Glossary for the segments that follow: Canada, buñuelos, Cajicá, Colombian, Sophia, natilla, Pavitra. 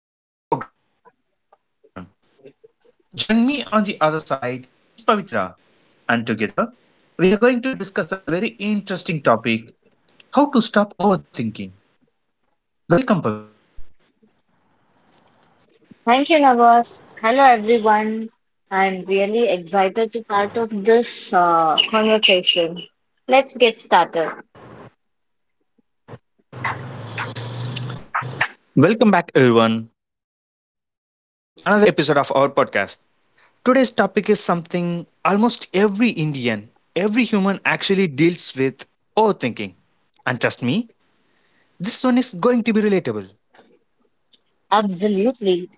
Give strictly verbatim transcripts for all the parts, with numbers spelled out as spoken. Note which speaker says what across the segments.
Speaker 1: and today I'll be hosting this program. Joining me on the other side is Pavitra, and together we are going to discuss a very interesting topic, how to stop overthinking. Welcome, Pavitra.
Speaker 2: Thank you, Navas. Hello, everyone. I'm really excited to part of this uh, conversation. Let's get started.
Speaker 1: Welcome back, everyone, to another episode of our podcast. Today's topic is something almost every Indian, every human actually deals with, overthinking. And trust me, this one is going to be relatable.
Speaker 2: Absolutely.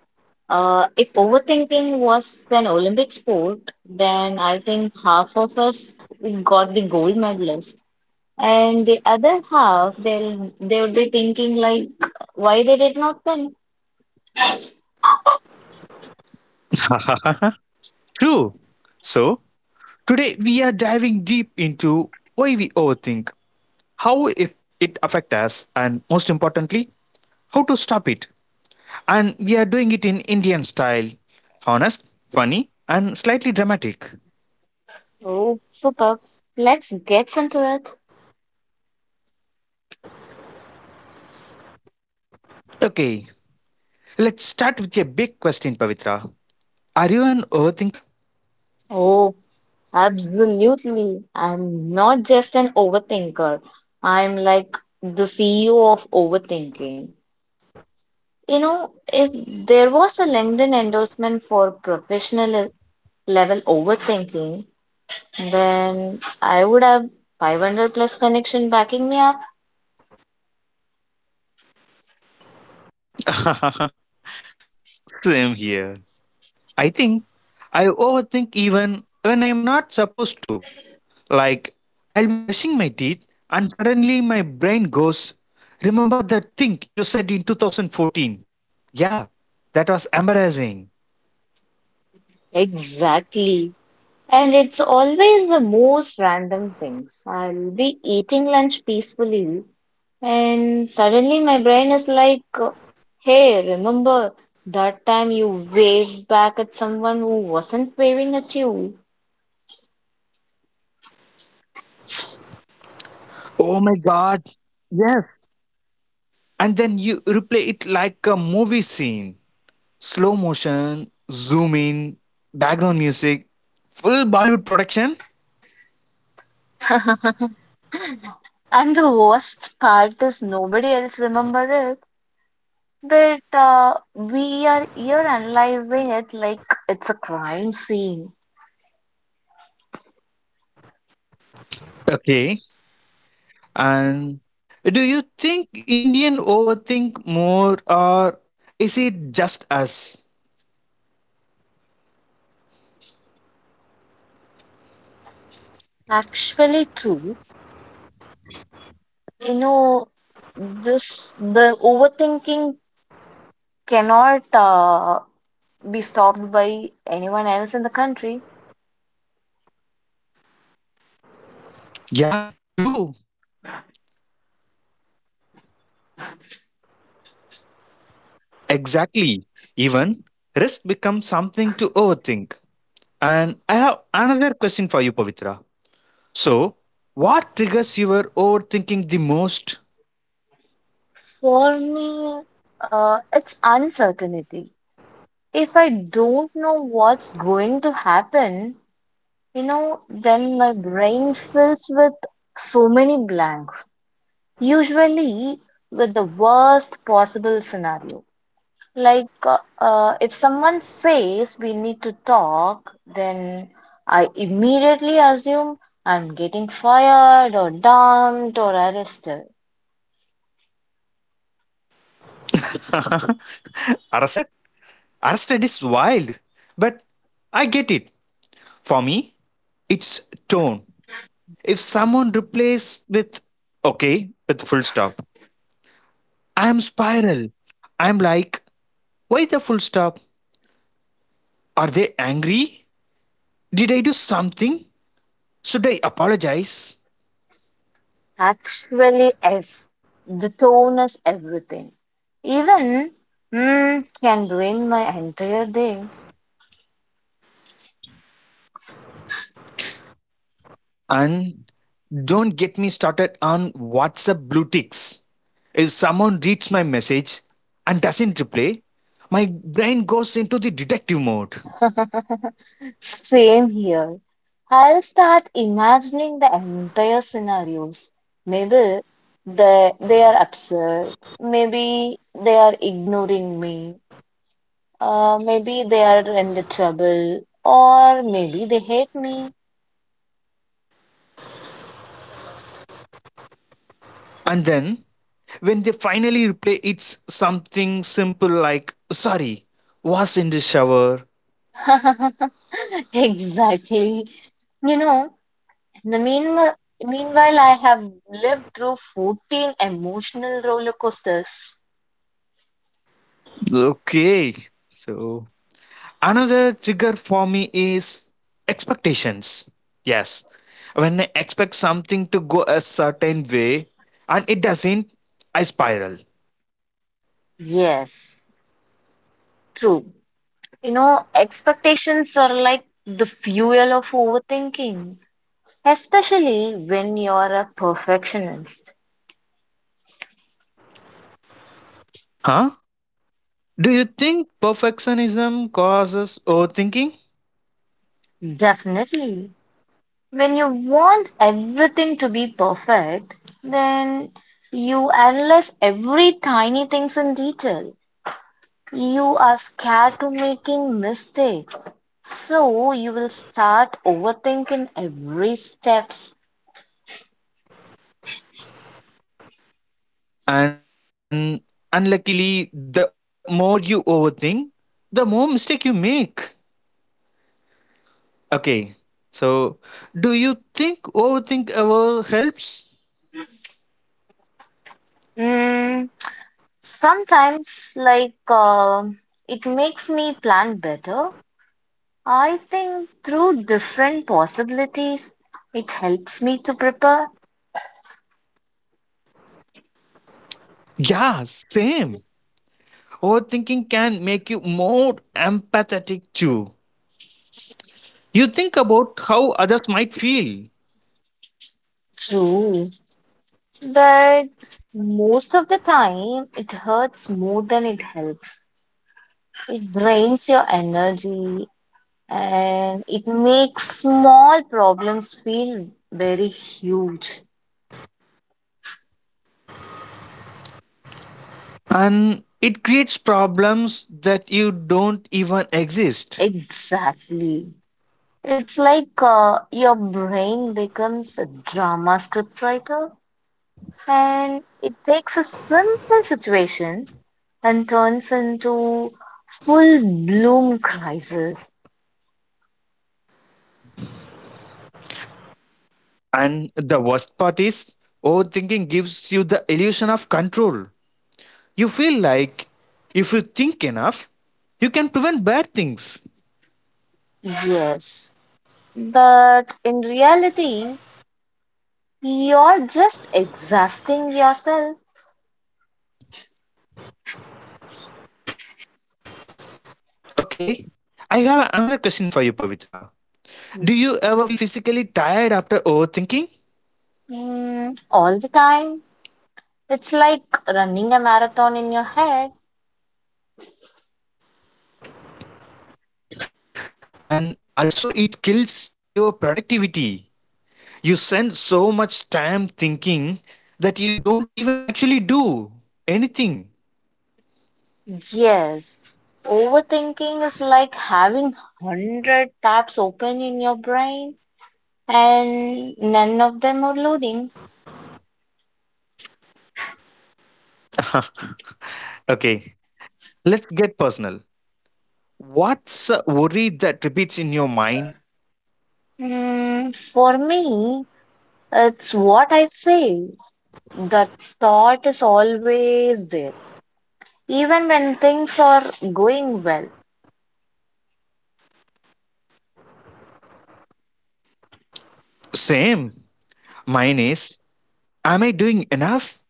Speaker 2: Uh, if overthinking was an Olympic sport, then I think half of us got the gold medalist, and the other half they'll they would be thinking like, why they did not win?
Speaker 1: True. So, Today, we are diving deep into why we overthink, how if it affects us, and most importantly, how to stop it. And we are doing it in Indian style, honest, funny, and slightly dramatic.
Speaker 2: Oh, super. Let's get into it.
Speaker 1: Okay, let's start with a big question, Pavitra. Are you an overthinker?
Speaker 2: Oh. Absolutely. I'm not just an overthinker. I'm like the C E O of overthinking. You know, if there was a LinkedIn endorsement for professional level overthinking, then I would have five hundred plus connection backing me up.
Speaker 1: Same here. I think I overthink even when I'm not supposed to. Like, I'll be brushing my teeth and suddenly my brain goes, Remember that thing you said in two thousand fourteen? Yeah, that was embarrassing.
Speaker 2: Exactly. And it's always the most random things. I'll be eating lunch peacefully, and suddenly my brain is like, hey, remember that time you waved back at someone who wasn't waving at you?
Speaker 1: Oh my god. Yes. And then you replay it like a movie scene, slow motion, zoom in, background music, full Bollywood production.
Speaker 2: And the worst part is nobody else remember it. But uh, we are here analyzing it like it's a crime scene.
Speaker 1: Okay. And do you think Indian overthink more, or is it just us?
Speaker 2: Actually, true. You know, this the overthinking cannot uh, be stopped by anyone else in the country.
Speaker 1: Yeah, true. Exactly. Even risk becomes something to overthink. And I have another question for you, Pavitra. So, what triggers your overthinking the most?
Speaker 2: For me, uh, it's uncertainty. If I don't know what's going to happen, you know, then my brain fills with so many blanks, usually with the worst possible scenario. Like, uh, uh, if someone says we need to talk, then I immediately assume I'm getting fired or dumped or arrested.
Speaker 1: Arrested? Arrested is wild. But I get it. For me, it's tone. If someone replaces with okay with full stop, I'm spiral. I'm like, why the full stop? Are they angry? Did I do something? Should I apologize?
Speaker 2: Actually, yes. The tone is everything. Even hmm can ruin my entire day.
Speaker 1: And don't get me started on WhatsApp blue ticks. If someone reads my message and doesn't reply, my brain goes into the detective mode.
Speaker 2: Same here. I'll start imagining the entire scenarios. Maybe they they are absurd. Maybe they are ignoring me. Uh, maybe they are in the trouble, or maybe they hate me.
Speaker 1: And then, when they finally reply, it's something simple like, sorry, was in the shower.
Speaker 2: Exactly. You know, The meanwhile, meanwhile, I have lived through fourteen emotional roller coasters.
Speaker 1: Okay. So, Another trigger for me is expectations. Yes. When I expect something to go a certain way and it doesn't, I spiral.
Speaker 2: Yes, true. You know, expectations are like the fuel of overthinking, especially when you're a perfectionist.
Speaker 1: Huh? Do you think perfectionism causes overthinking?
Speaker 2: Definitely. When you want everything to be perfect, then you analyze every tiny things in detail. You are scared to making mistakes, so you will start overthinking every steps.
Speaker 1: And unluckily, the more you overthink, the more mistake you make. Okay. So, do you think overthink ever helps?
Speaker 2: Mm, Sometimes, like um it makes me plan better. I think through different possibilities, it helps me to prepare.
Speaker 1: Yeah, same. Overthinking can make you more empathetic too. You think about how others might feel,
Speaker 2: True, but most of the time, it hurts more than it helps. It drains your energy and it makes small problems feel very huge.
Speaker 1: and it creates problems that you don't even exist.
Speaker 2: Exactly. It's like uh, your brain becomes a drama scriptwriter and it takes a simple situation and turns into full bloom crisis.
Speaker 1: And the worst part is, overthinking gives you the illusion of control. You feel like if you think enough, you can prevent bad things.
Speaker 2: Yes. But in reality, you're just exhausting yourself.
Speaker 1: Okay, I have another question for you, Pavitra. Do you ever feel physically tired after overthinking?
Speaker 2: Mm, all the time. It's like running a marathon in your head.
Speaker 1: And also it kills your productivity. You spend so much time thinking that you don't even actually do anything.
Speaker 2: Yes. Overthinking is like having one hundred tabs open in your brain and none of them are loading.
Speaker 1: Okay, let's get personal. What's a worry that repeats in your mind?
Speaker 2: Mm, for me, it's what I face. The thought is always there, even when things are going well.
Speaker 1: Same. Mine is, am I doing enough?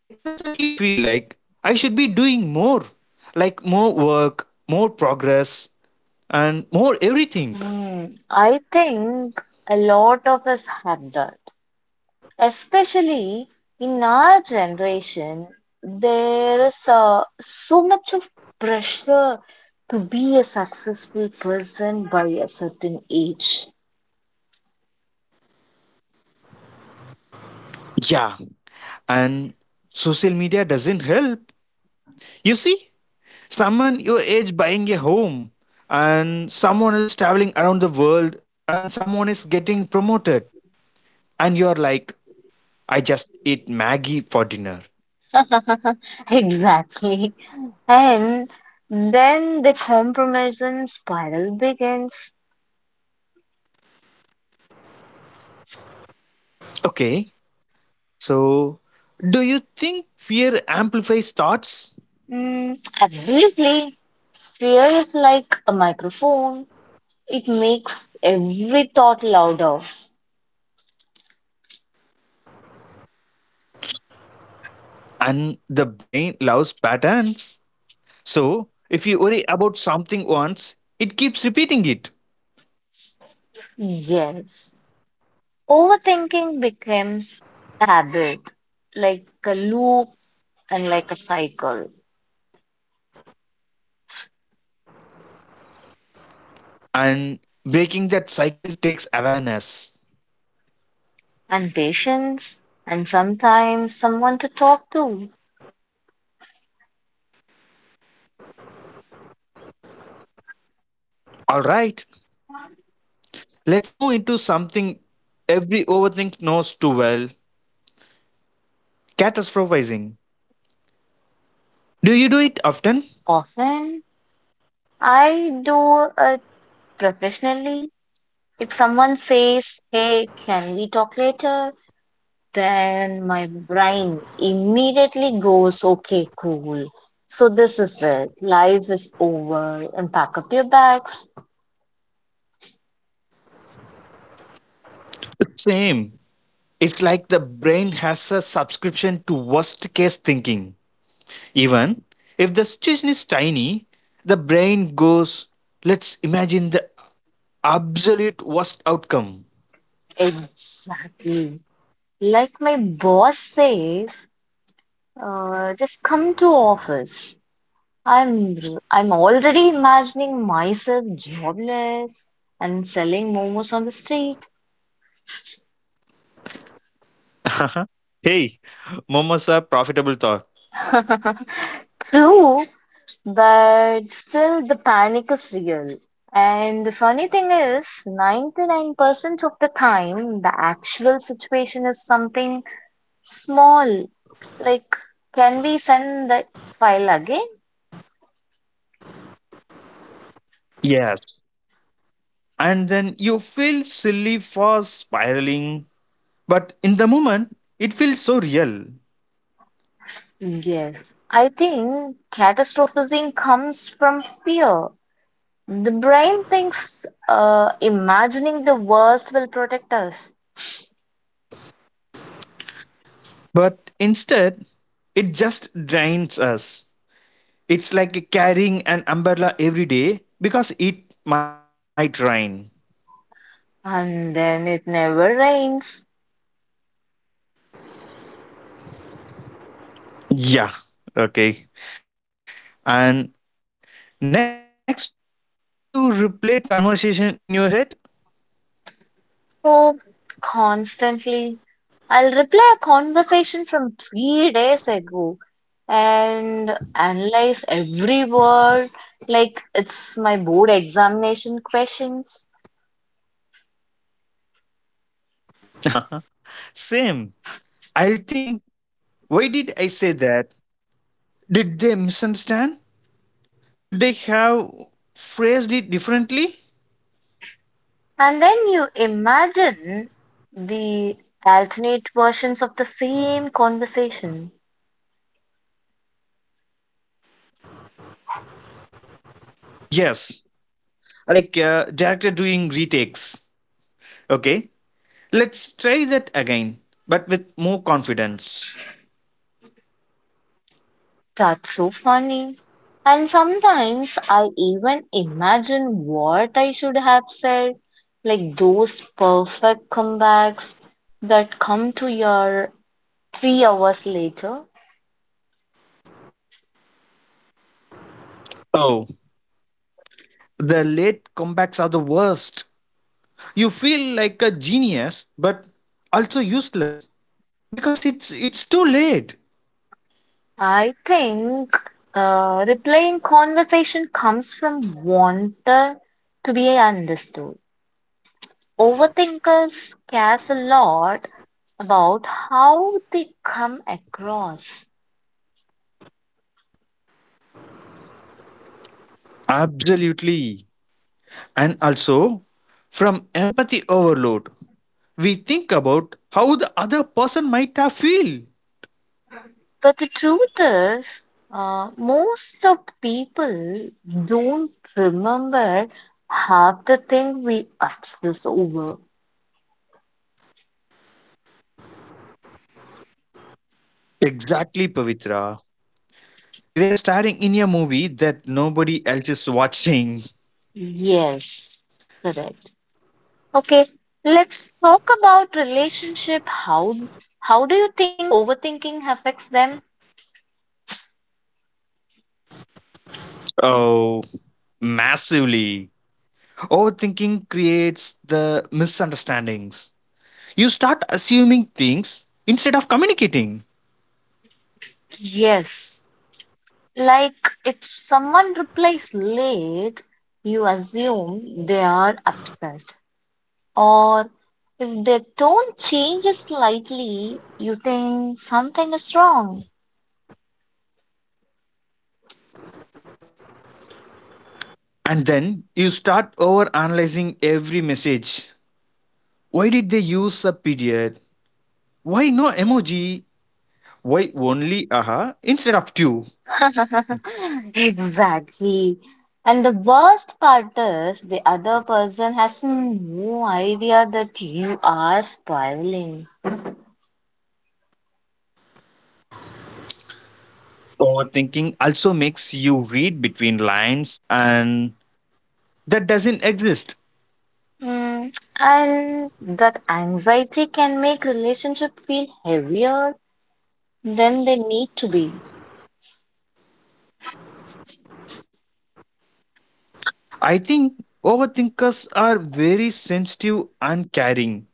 Speaker 1: I constantly feel like I should be doing more, like more work, more progress, and more everything.
Speaker 2: Mm, I think a lot of us have that, especially in our generation, there is uh, so much of pressure to be a successful person by a certain age.
Speaker 1: Yeah, and social media doesn't help. You see someone your age buying a home, and someone else traveling around the world, and someone is getting promoted, and you're like, I just ate maggie for dinner.
Speaker 2: Exactly. And then the comparison spiral begins.
Speaker 1: Okay, so do you think fear amplifies thoughts?
Speaker 2: Mm, absolutely. Fear is like a microphone. It makes every thought louder.
Speaker 1: And the brain loves patterns, so if you worry about something once, it keeps repeating it.
Speaker 2: Yes. Overthinking becomes a habit, like a loop and like a cycle,
Speaker 1: And breaking that cycle takes awareness.
Speaker 2: and patience, and sometimes someone to talk to.
Speaker 1: All right, let's move into something every overthink knows too well, catastrophizing. Do you do it often?
Speaker 2: Often, I do it professionally. If someone says, hey, can we talk later? Then my brain immediately goes, okay, cool. So this is it. Life is over and pack up your bags.
Speaker 1: Same. It's like the brain has a subscription to worst case thinking. Even if the situation is tiny, the brain goes, let's imagine the absolute worst outcome.
Speaker 2: Exactly. Like my boss says, uh, just come to office. I'm I'm already imagining myself jobless and selling momos on the street.
Speaker 1: Hey, momos are profitable thought.
Speaker 2: True, but still the panic is real. And the funny thing is, ninety-nine percent of the time, the actual situation is something small. Like, can we send the file again?
Speaker 1: Yes. And then you feel silly for spiraling, but in the moment, it feels so real.
Speaker 2: Yes, I think catastrophizing comes from fear. The brain thinks uh, imagining the worst will protect us,
Speaker 1: But instead, it just drains us. It's like carrying an umbrella every day because it might rain.
Speaker 2: and then it never rains.
Speaker 1: Yeah. Okay. And next one, do you replay conversation in your head?
Speaker 2: Oh, constantly. I'll replay a conversation from three days ago and analyze every word like it's my board examination questions.
Speaker 1: Same. I'll think, why did I say that? Did they misunderstand? Should they have phrased it differently?
Speaker 2: And then you imagine the alternate versions of the same conversation.
Speaker 1: Yes. Like uh, director doing retakes. Okay. Let's try that again, but with more confidence.
Speaker 2: That's so funny. And sometimes I even imagine what I should have said, like those perfect comebacks that come to your three hours later.
Speaker 1: Oh, the late comebacks are the worst. You feel like a genius, but also useless because it's it's too late.
Speaker 2: I think uh, replaying conversation comes from wanting to be understood. Overthinkers cares a lot about how they come across.
Speaker 1: Absolutely. And also, from empathy overload, we think about how the other person might have feel.
Speaker 2: But the truth is, uh, most of people don't remember half the thing we obsess over.
Speaker 1: Exactly, Pavitra. We are starring in a movie that nobody else is watching.
Speaker 2: Yes, correct. Okay, let's talk about relationship. How how do you think overthinking affects them?
Speaker 1: Oh, massively. Overthinking creates the misunderstandings. You start assuming things instead of communicating.
Speaker 2: Yes. Like if someone replies late, you assume they are upset. Or if their tone changes slightly, you think something is wrong.
Speaker 1: And then you start overanalyzing every message. Why did they use a period? Why no emoji? Why only aha instead of two?
Speaker 2: Exactly. And the worst part is the other person has no idea that you are spiraling.
Speaker 1: Overthinking also makes you read between lines and that doesn't exist.
Speaker 2: Mm, And that anxiety can make relationship feel heavier than they need to be.
Speaker 1: I think overthinkers are very sensitive and caring,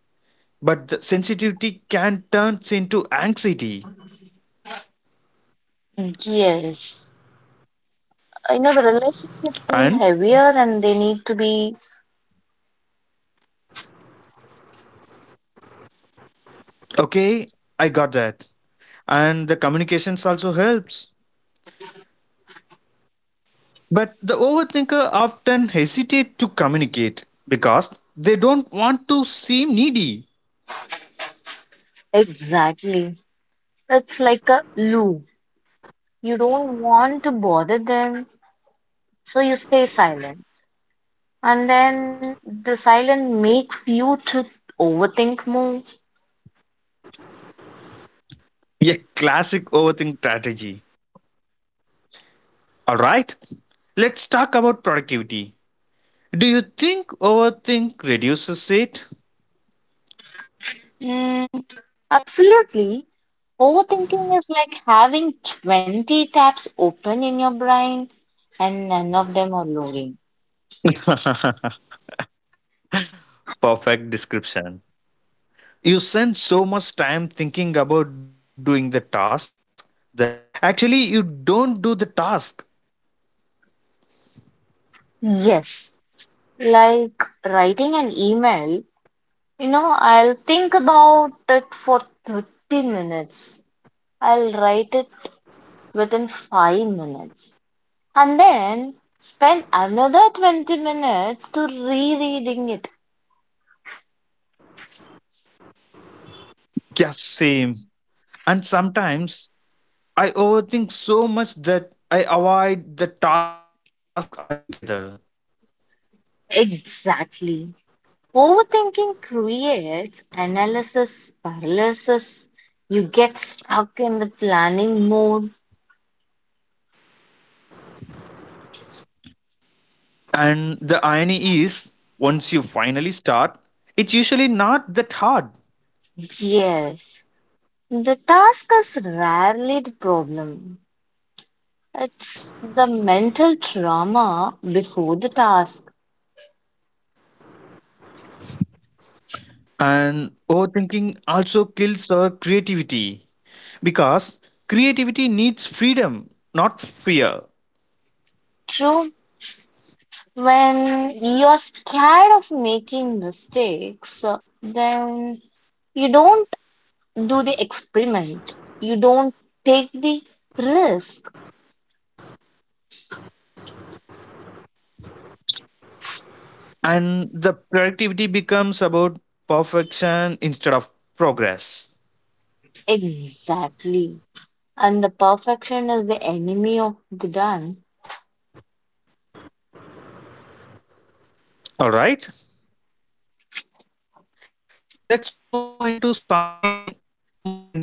Speaker 1: but the sensitivity can turn into anxiety.
Speaker 2: Yes, you know the relationship feel
Speaker 1: And
Speaker 2: heavier and they need to be
Speaker 1: okay, I got that. And the communications also helps, but the overthinker often hesitate to communicate because they don't want to seem needy.
Speaker 2: exactly. It's like a loop. You don't want to bother them, so you stay silent. And then the silence makes you to overthink more.
Speaker 1: A classic overthink strategy. All right, let's talk about productivity. Do you think overthink reduces it?
Speaker 2: Mm, Absolutely. Overthinking is like having twenty tabs open in your brain and none of them are loading.
Speaker 1: Perfect description. You spend so much time thinking about doing the task that actually you don't do the task.
Speaker 2: Yes, like writing an email. You know, I'll think about it for thirty minutes. I'll write it within five minutes. And then spend another twenty minutes to rereading it.
Speaker 1: Just same. And sometimes I overthink so much that I avoid the task altogether.
Speaker 2: Exactly. Overthinking creates analysis paralysis. You get stuck in the planning mode.
Speaker 1: And the irony is, once you finally start, it's usually not that hard.
Speaker 2: Yes. The task is rarely the problem. It's the mental trauma before the task.
Speaker 1: And overthinking also kills our creativity because creativity needs freedom, not fear.
Speaker 2: True. When you're scared of making mistakes, uh, then you don't do the experiment. You don't take the risk.
Speaker 1: And the productivity becomes about perfection instead of progress.
Speaker 2: Exactly. And the perfection is the enemy of the done.
Speaker 1: All right, let's move into something more interesting,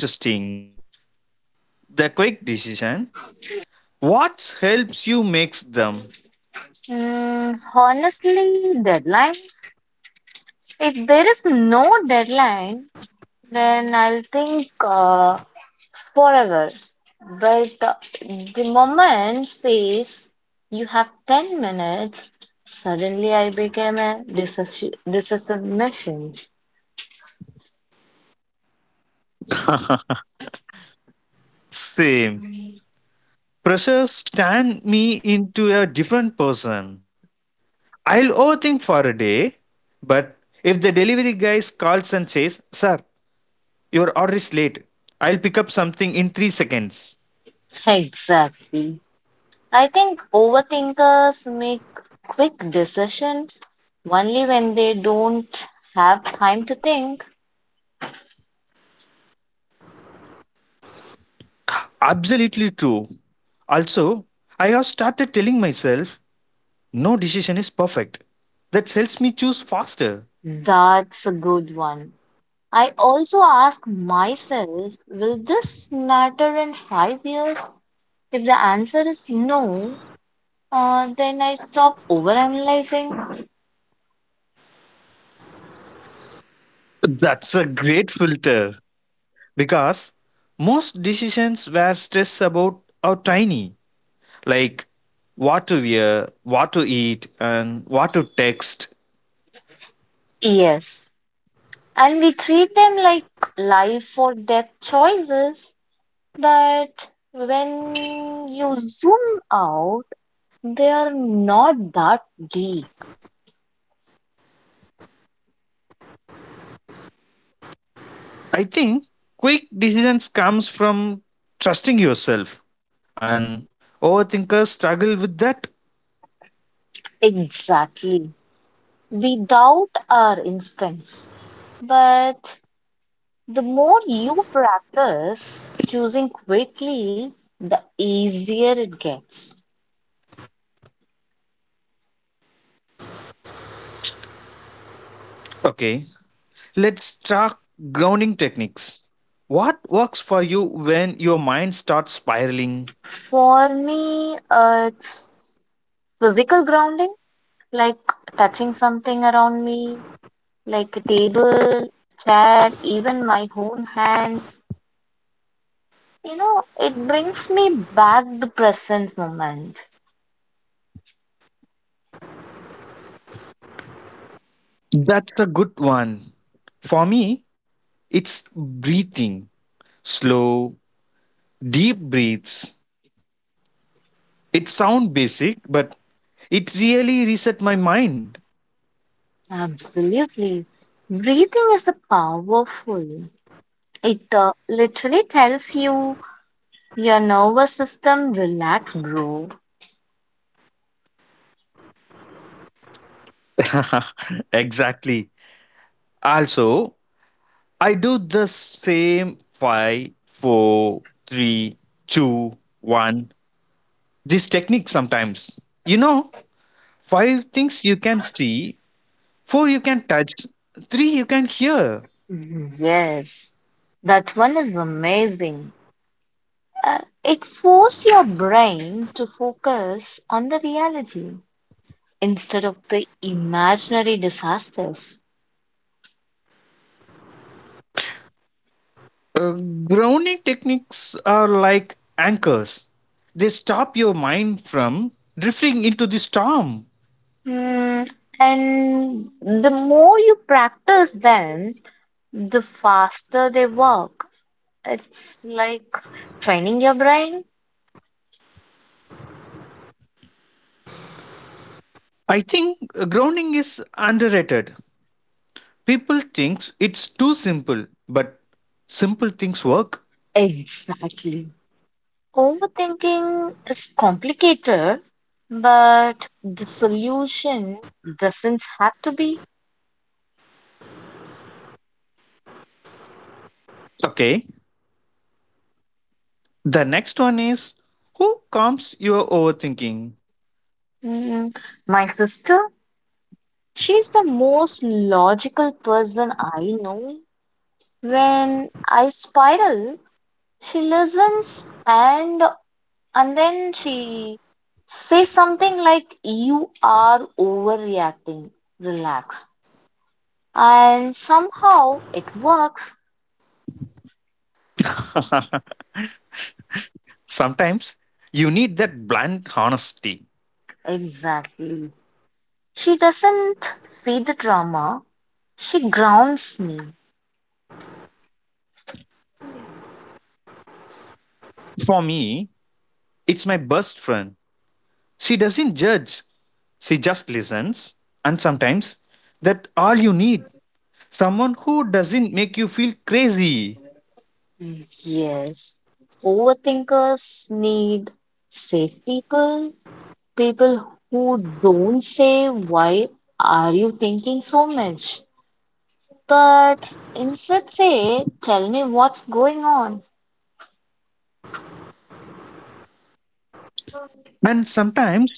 Speaker 1: the quick decision. What helps you makes them?
Speaker 2: Mm, honestly, deadlines. If there is no deadline, then I'll think. Uh, forever. But the, the moment says you have ten minutes, suddenly I became a disassi- decisive machine.
Speaker 1: Same. Pressures turn me into a different person. I'll overthink for a day, but if the delivery guy calls and says sir, your order is late, I'll pick up something in three seconds.
Speaker 2: Exactly. I think overthinkers make quick decisions only when they don't have time to think.
Speaker 1: Absolutely true. Also, I have started telling myself no decision is perfect. That helps me choose faster.
Speaker 2: That's a good one. I also ask myself, will this matter in five years? If the answer is no, Uh, then I stop overanalyzing.
Speaker 1: That's a great filter because most decisions were stressed about are tiny, like what to wear, what to eat, and what to text.
Speaker 2: Yes. And we treat them like life or death choices. But when you zoom out, they are not that deep.
Speaker 1: I think quick decisions comes from trusting yourself, and overthinkers struggle with that.
Speaker 2: Exactly. We doubt our instincts. But the more you practice choosing quickly, the easier it gets.
Speaker 1: Okay, let's talk grounding techniques. What works for you when your mind starts spiraling?
Speaker 2: For me, uh, it's physical grounding, like touching something around me, like a table, chair, even my own hands. You know, it brings me back the present moment.
Speaker 1: That's a good one. For me, it's breathing. Slow, deep breaths. It sounds basic, but it really reset my mind.
Speaker 2: Absolutely. Breathing is a powerful. It uh, literally tells you your nervous system, relax, bro.
Speaker 1: Exactly. Also, I do the same five, four, three, two, one. This technique sometimes. You know, five things you can see, four you can touch, three you can hear.
Speaker 2: Mhm. Yes, that one is amazing. Uh, it forces your brain to focus on the reality instead of the imaginary disasters.
Speaker 1: Uh, Grounding techniques are like anchors, they stop your mind from drifting into the storm.
Speaker 2: Hmm, and the more you practice them, the faster they work. It's like training your brain.
Speaker 1: I think uh, grounding is underrated. People think it's too simple, but simple things work.
Speaker 2: Exactly. Overthinking is complicated, but the solution doesn't have to be.
Speaker 1: Okay, the next one is, who calms your overthinking?
Speaker 2: Hmm, my sister. She's the most logical person I know. When I spiral, she listens and and then she says something like you are overreacting. Relax. And somehow it works.
Speaker 1: Sometimes you need that blunt honesty.
Speaker 2: Exactly. She doesn't feed the drama. She grounds me.
Speaker 1: For me, it's my best friend. She doesn't judge, she just listens. And sometimes that's all you need, someone who doesn't make you feel crazy.
Speaker 2: Yes. Overthinkers need safe people, people who don't say, why are you thinking so much? But instead say, tell me what's going on.
Speaker 1: And sometimes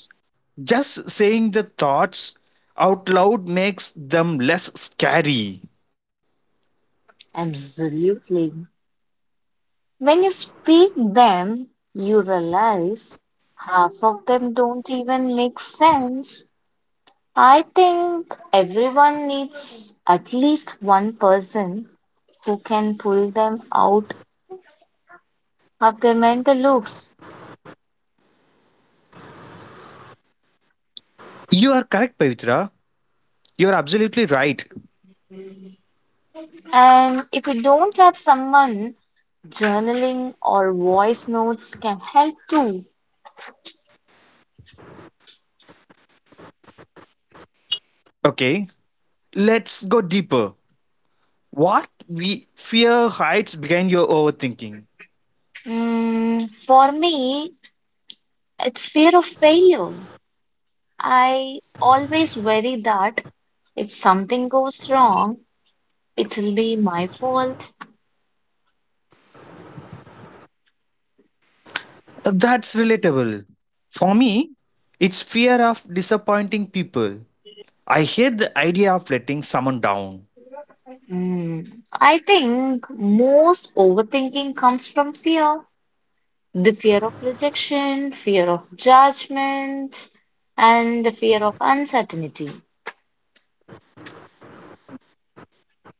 Speaker 1: just saying the thoughts out loud makes them less scary.
Speaker 2: Absolutely. When you speak them, you realize half of them don't even make sense. I think everyone needs at least one person who can pull them out of their mental loops.
Speaker 1: You are correct, Pavitra. You are absolutely right.
Speaker 2: And if you don't have someone, journaling or voice notes can help too.
Speaker 1: Okay, let's go deeper. What we fear hides behind your overthinking.
Speaker 2: Mm, for me, it's fear of failure. I always worry that if something goes wrong, it will be my fault.
Speaker 1: Uh, That's relatable. For me, it's fear of disappointing people. I hate the idea of letting someone down.
Speaker 2: Mm, I think most overthinking comes from fear, the fear of rejection, fear of judgment, and the fear of uncertainty.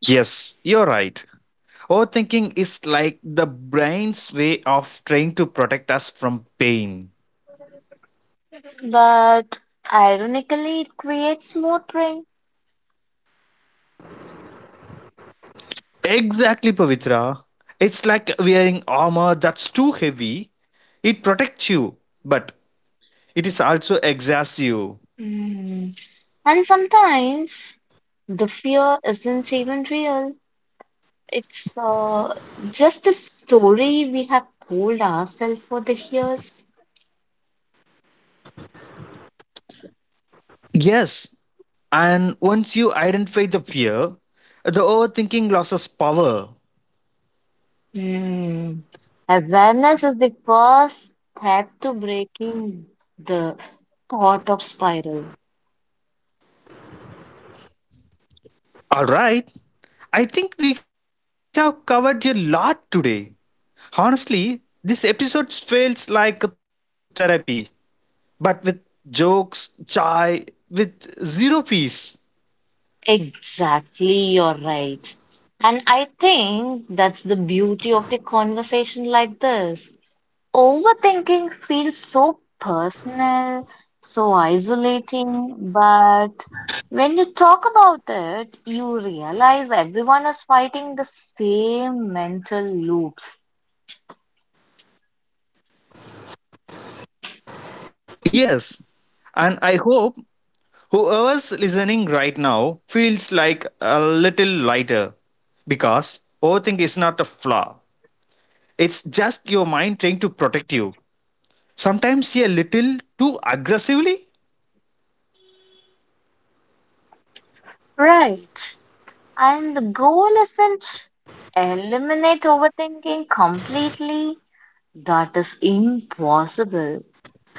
Speaker 1: Yes, you're right. Overthinking is like the brain's way of trying to protect us from pain.
Speaker 2: But ironically, it creates more prey.
Speaker 1: Exactly, Pavitra. It's like wearing armor that's too heavy. It protects you, but it is also exhausts you.
Speaker 2: Mm. And sometimes the fear isn't even real. It's uh, just a story we have told ourselves for the years.
Speaker 1: Yes, and once you identify the fear, the overthinking loses power.
Speaker 2: Hmm. Awareness is the first step to breaking the thought of spiral.
Speaker 1: All right. I think we have covered a lot today. Honestly, this episode feels like therapy, but with jokes, chai, with zero peace.
Speaker 2: Exactly, you're right. And I think that's the beauty of the conversation like this. Overthinking feels so personal, so isolating, but when you talk about it, you realize everyone is fighting the same mental loops.
Speaker 1: Yes. And I hope whoever's listening right now feels like a little lighter because overthink is not a flaw. It's just your mind trying to protect you. Sometimes a little too aggressively.
Speaker 2: Right. And the goal isn't eliminate overthinking completely. That is impossible.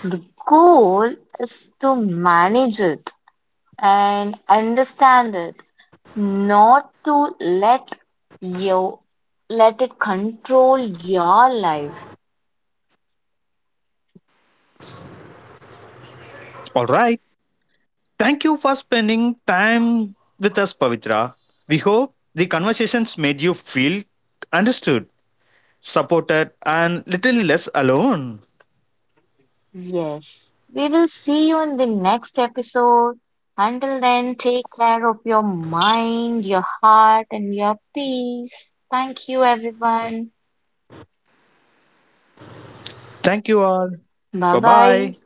Speaker 2: The goal is to manage it and understand it, not to let you let it control your life.
Speaker 1: All right. Thank you for spending time with us, Pavitra. We hope the conversations made you feel understood, supported, and little less alone.
Speaker 2: Yes, we will see you in the next episode. Until then, take care of your mind, your heart, and your peace. Thank you, everyone.
Speaker 1: Thank you all.
Speaker 2: Bye
Speaker 1: Bye
Speaker 2: bye.
Speaker 1: bye.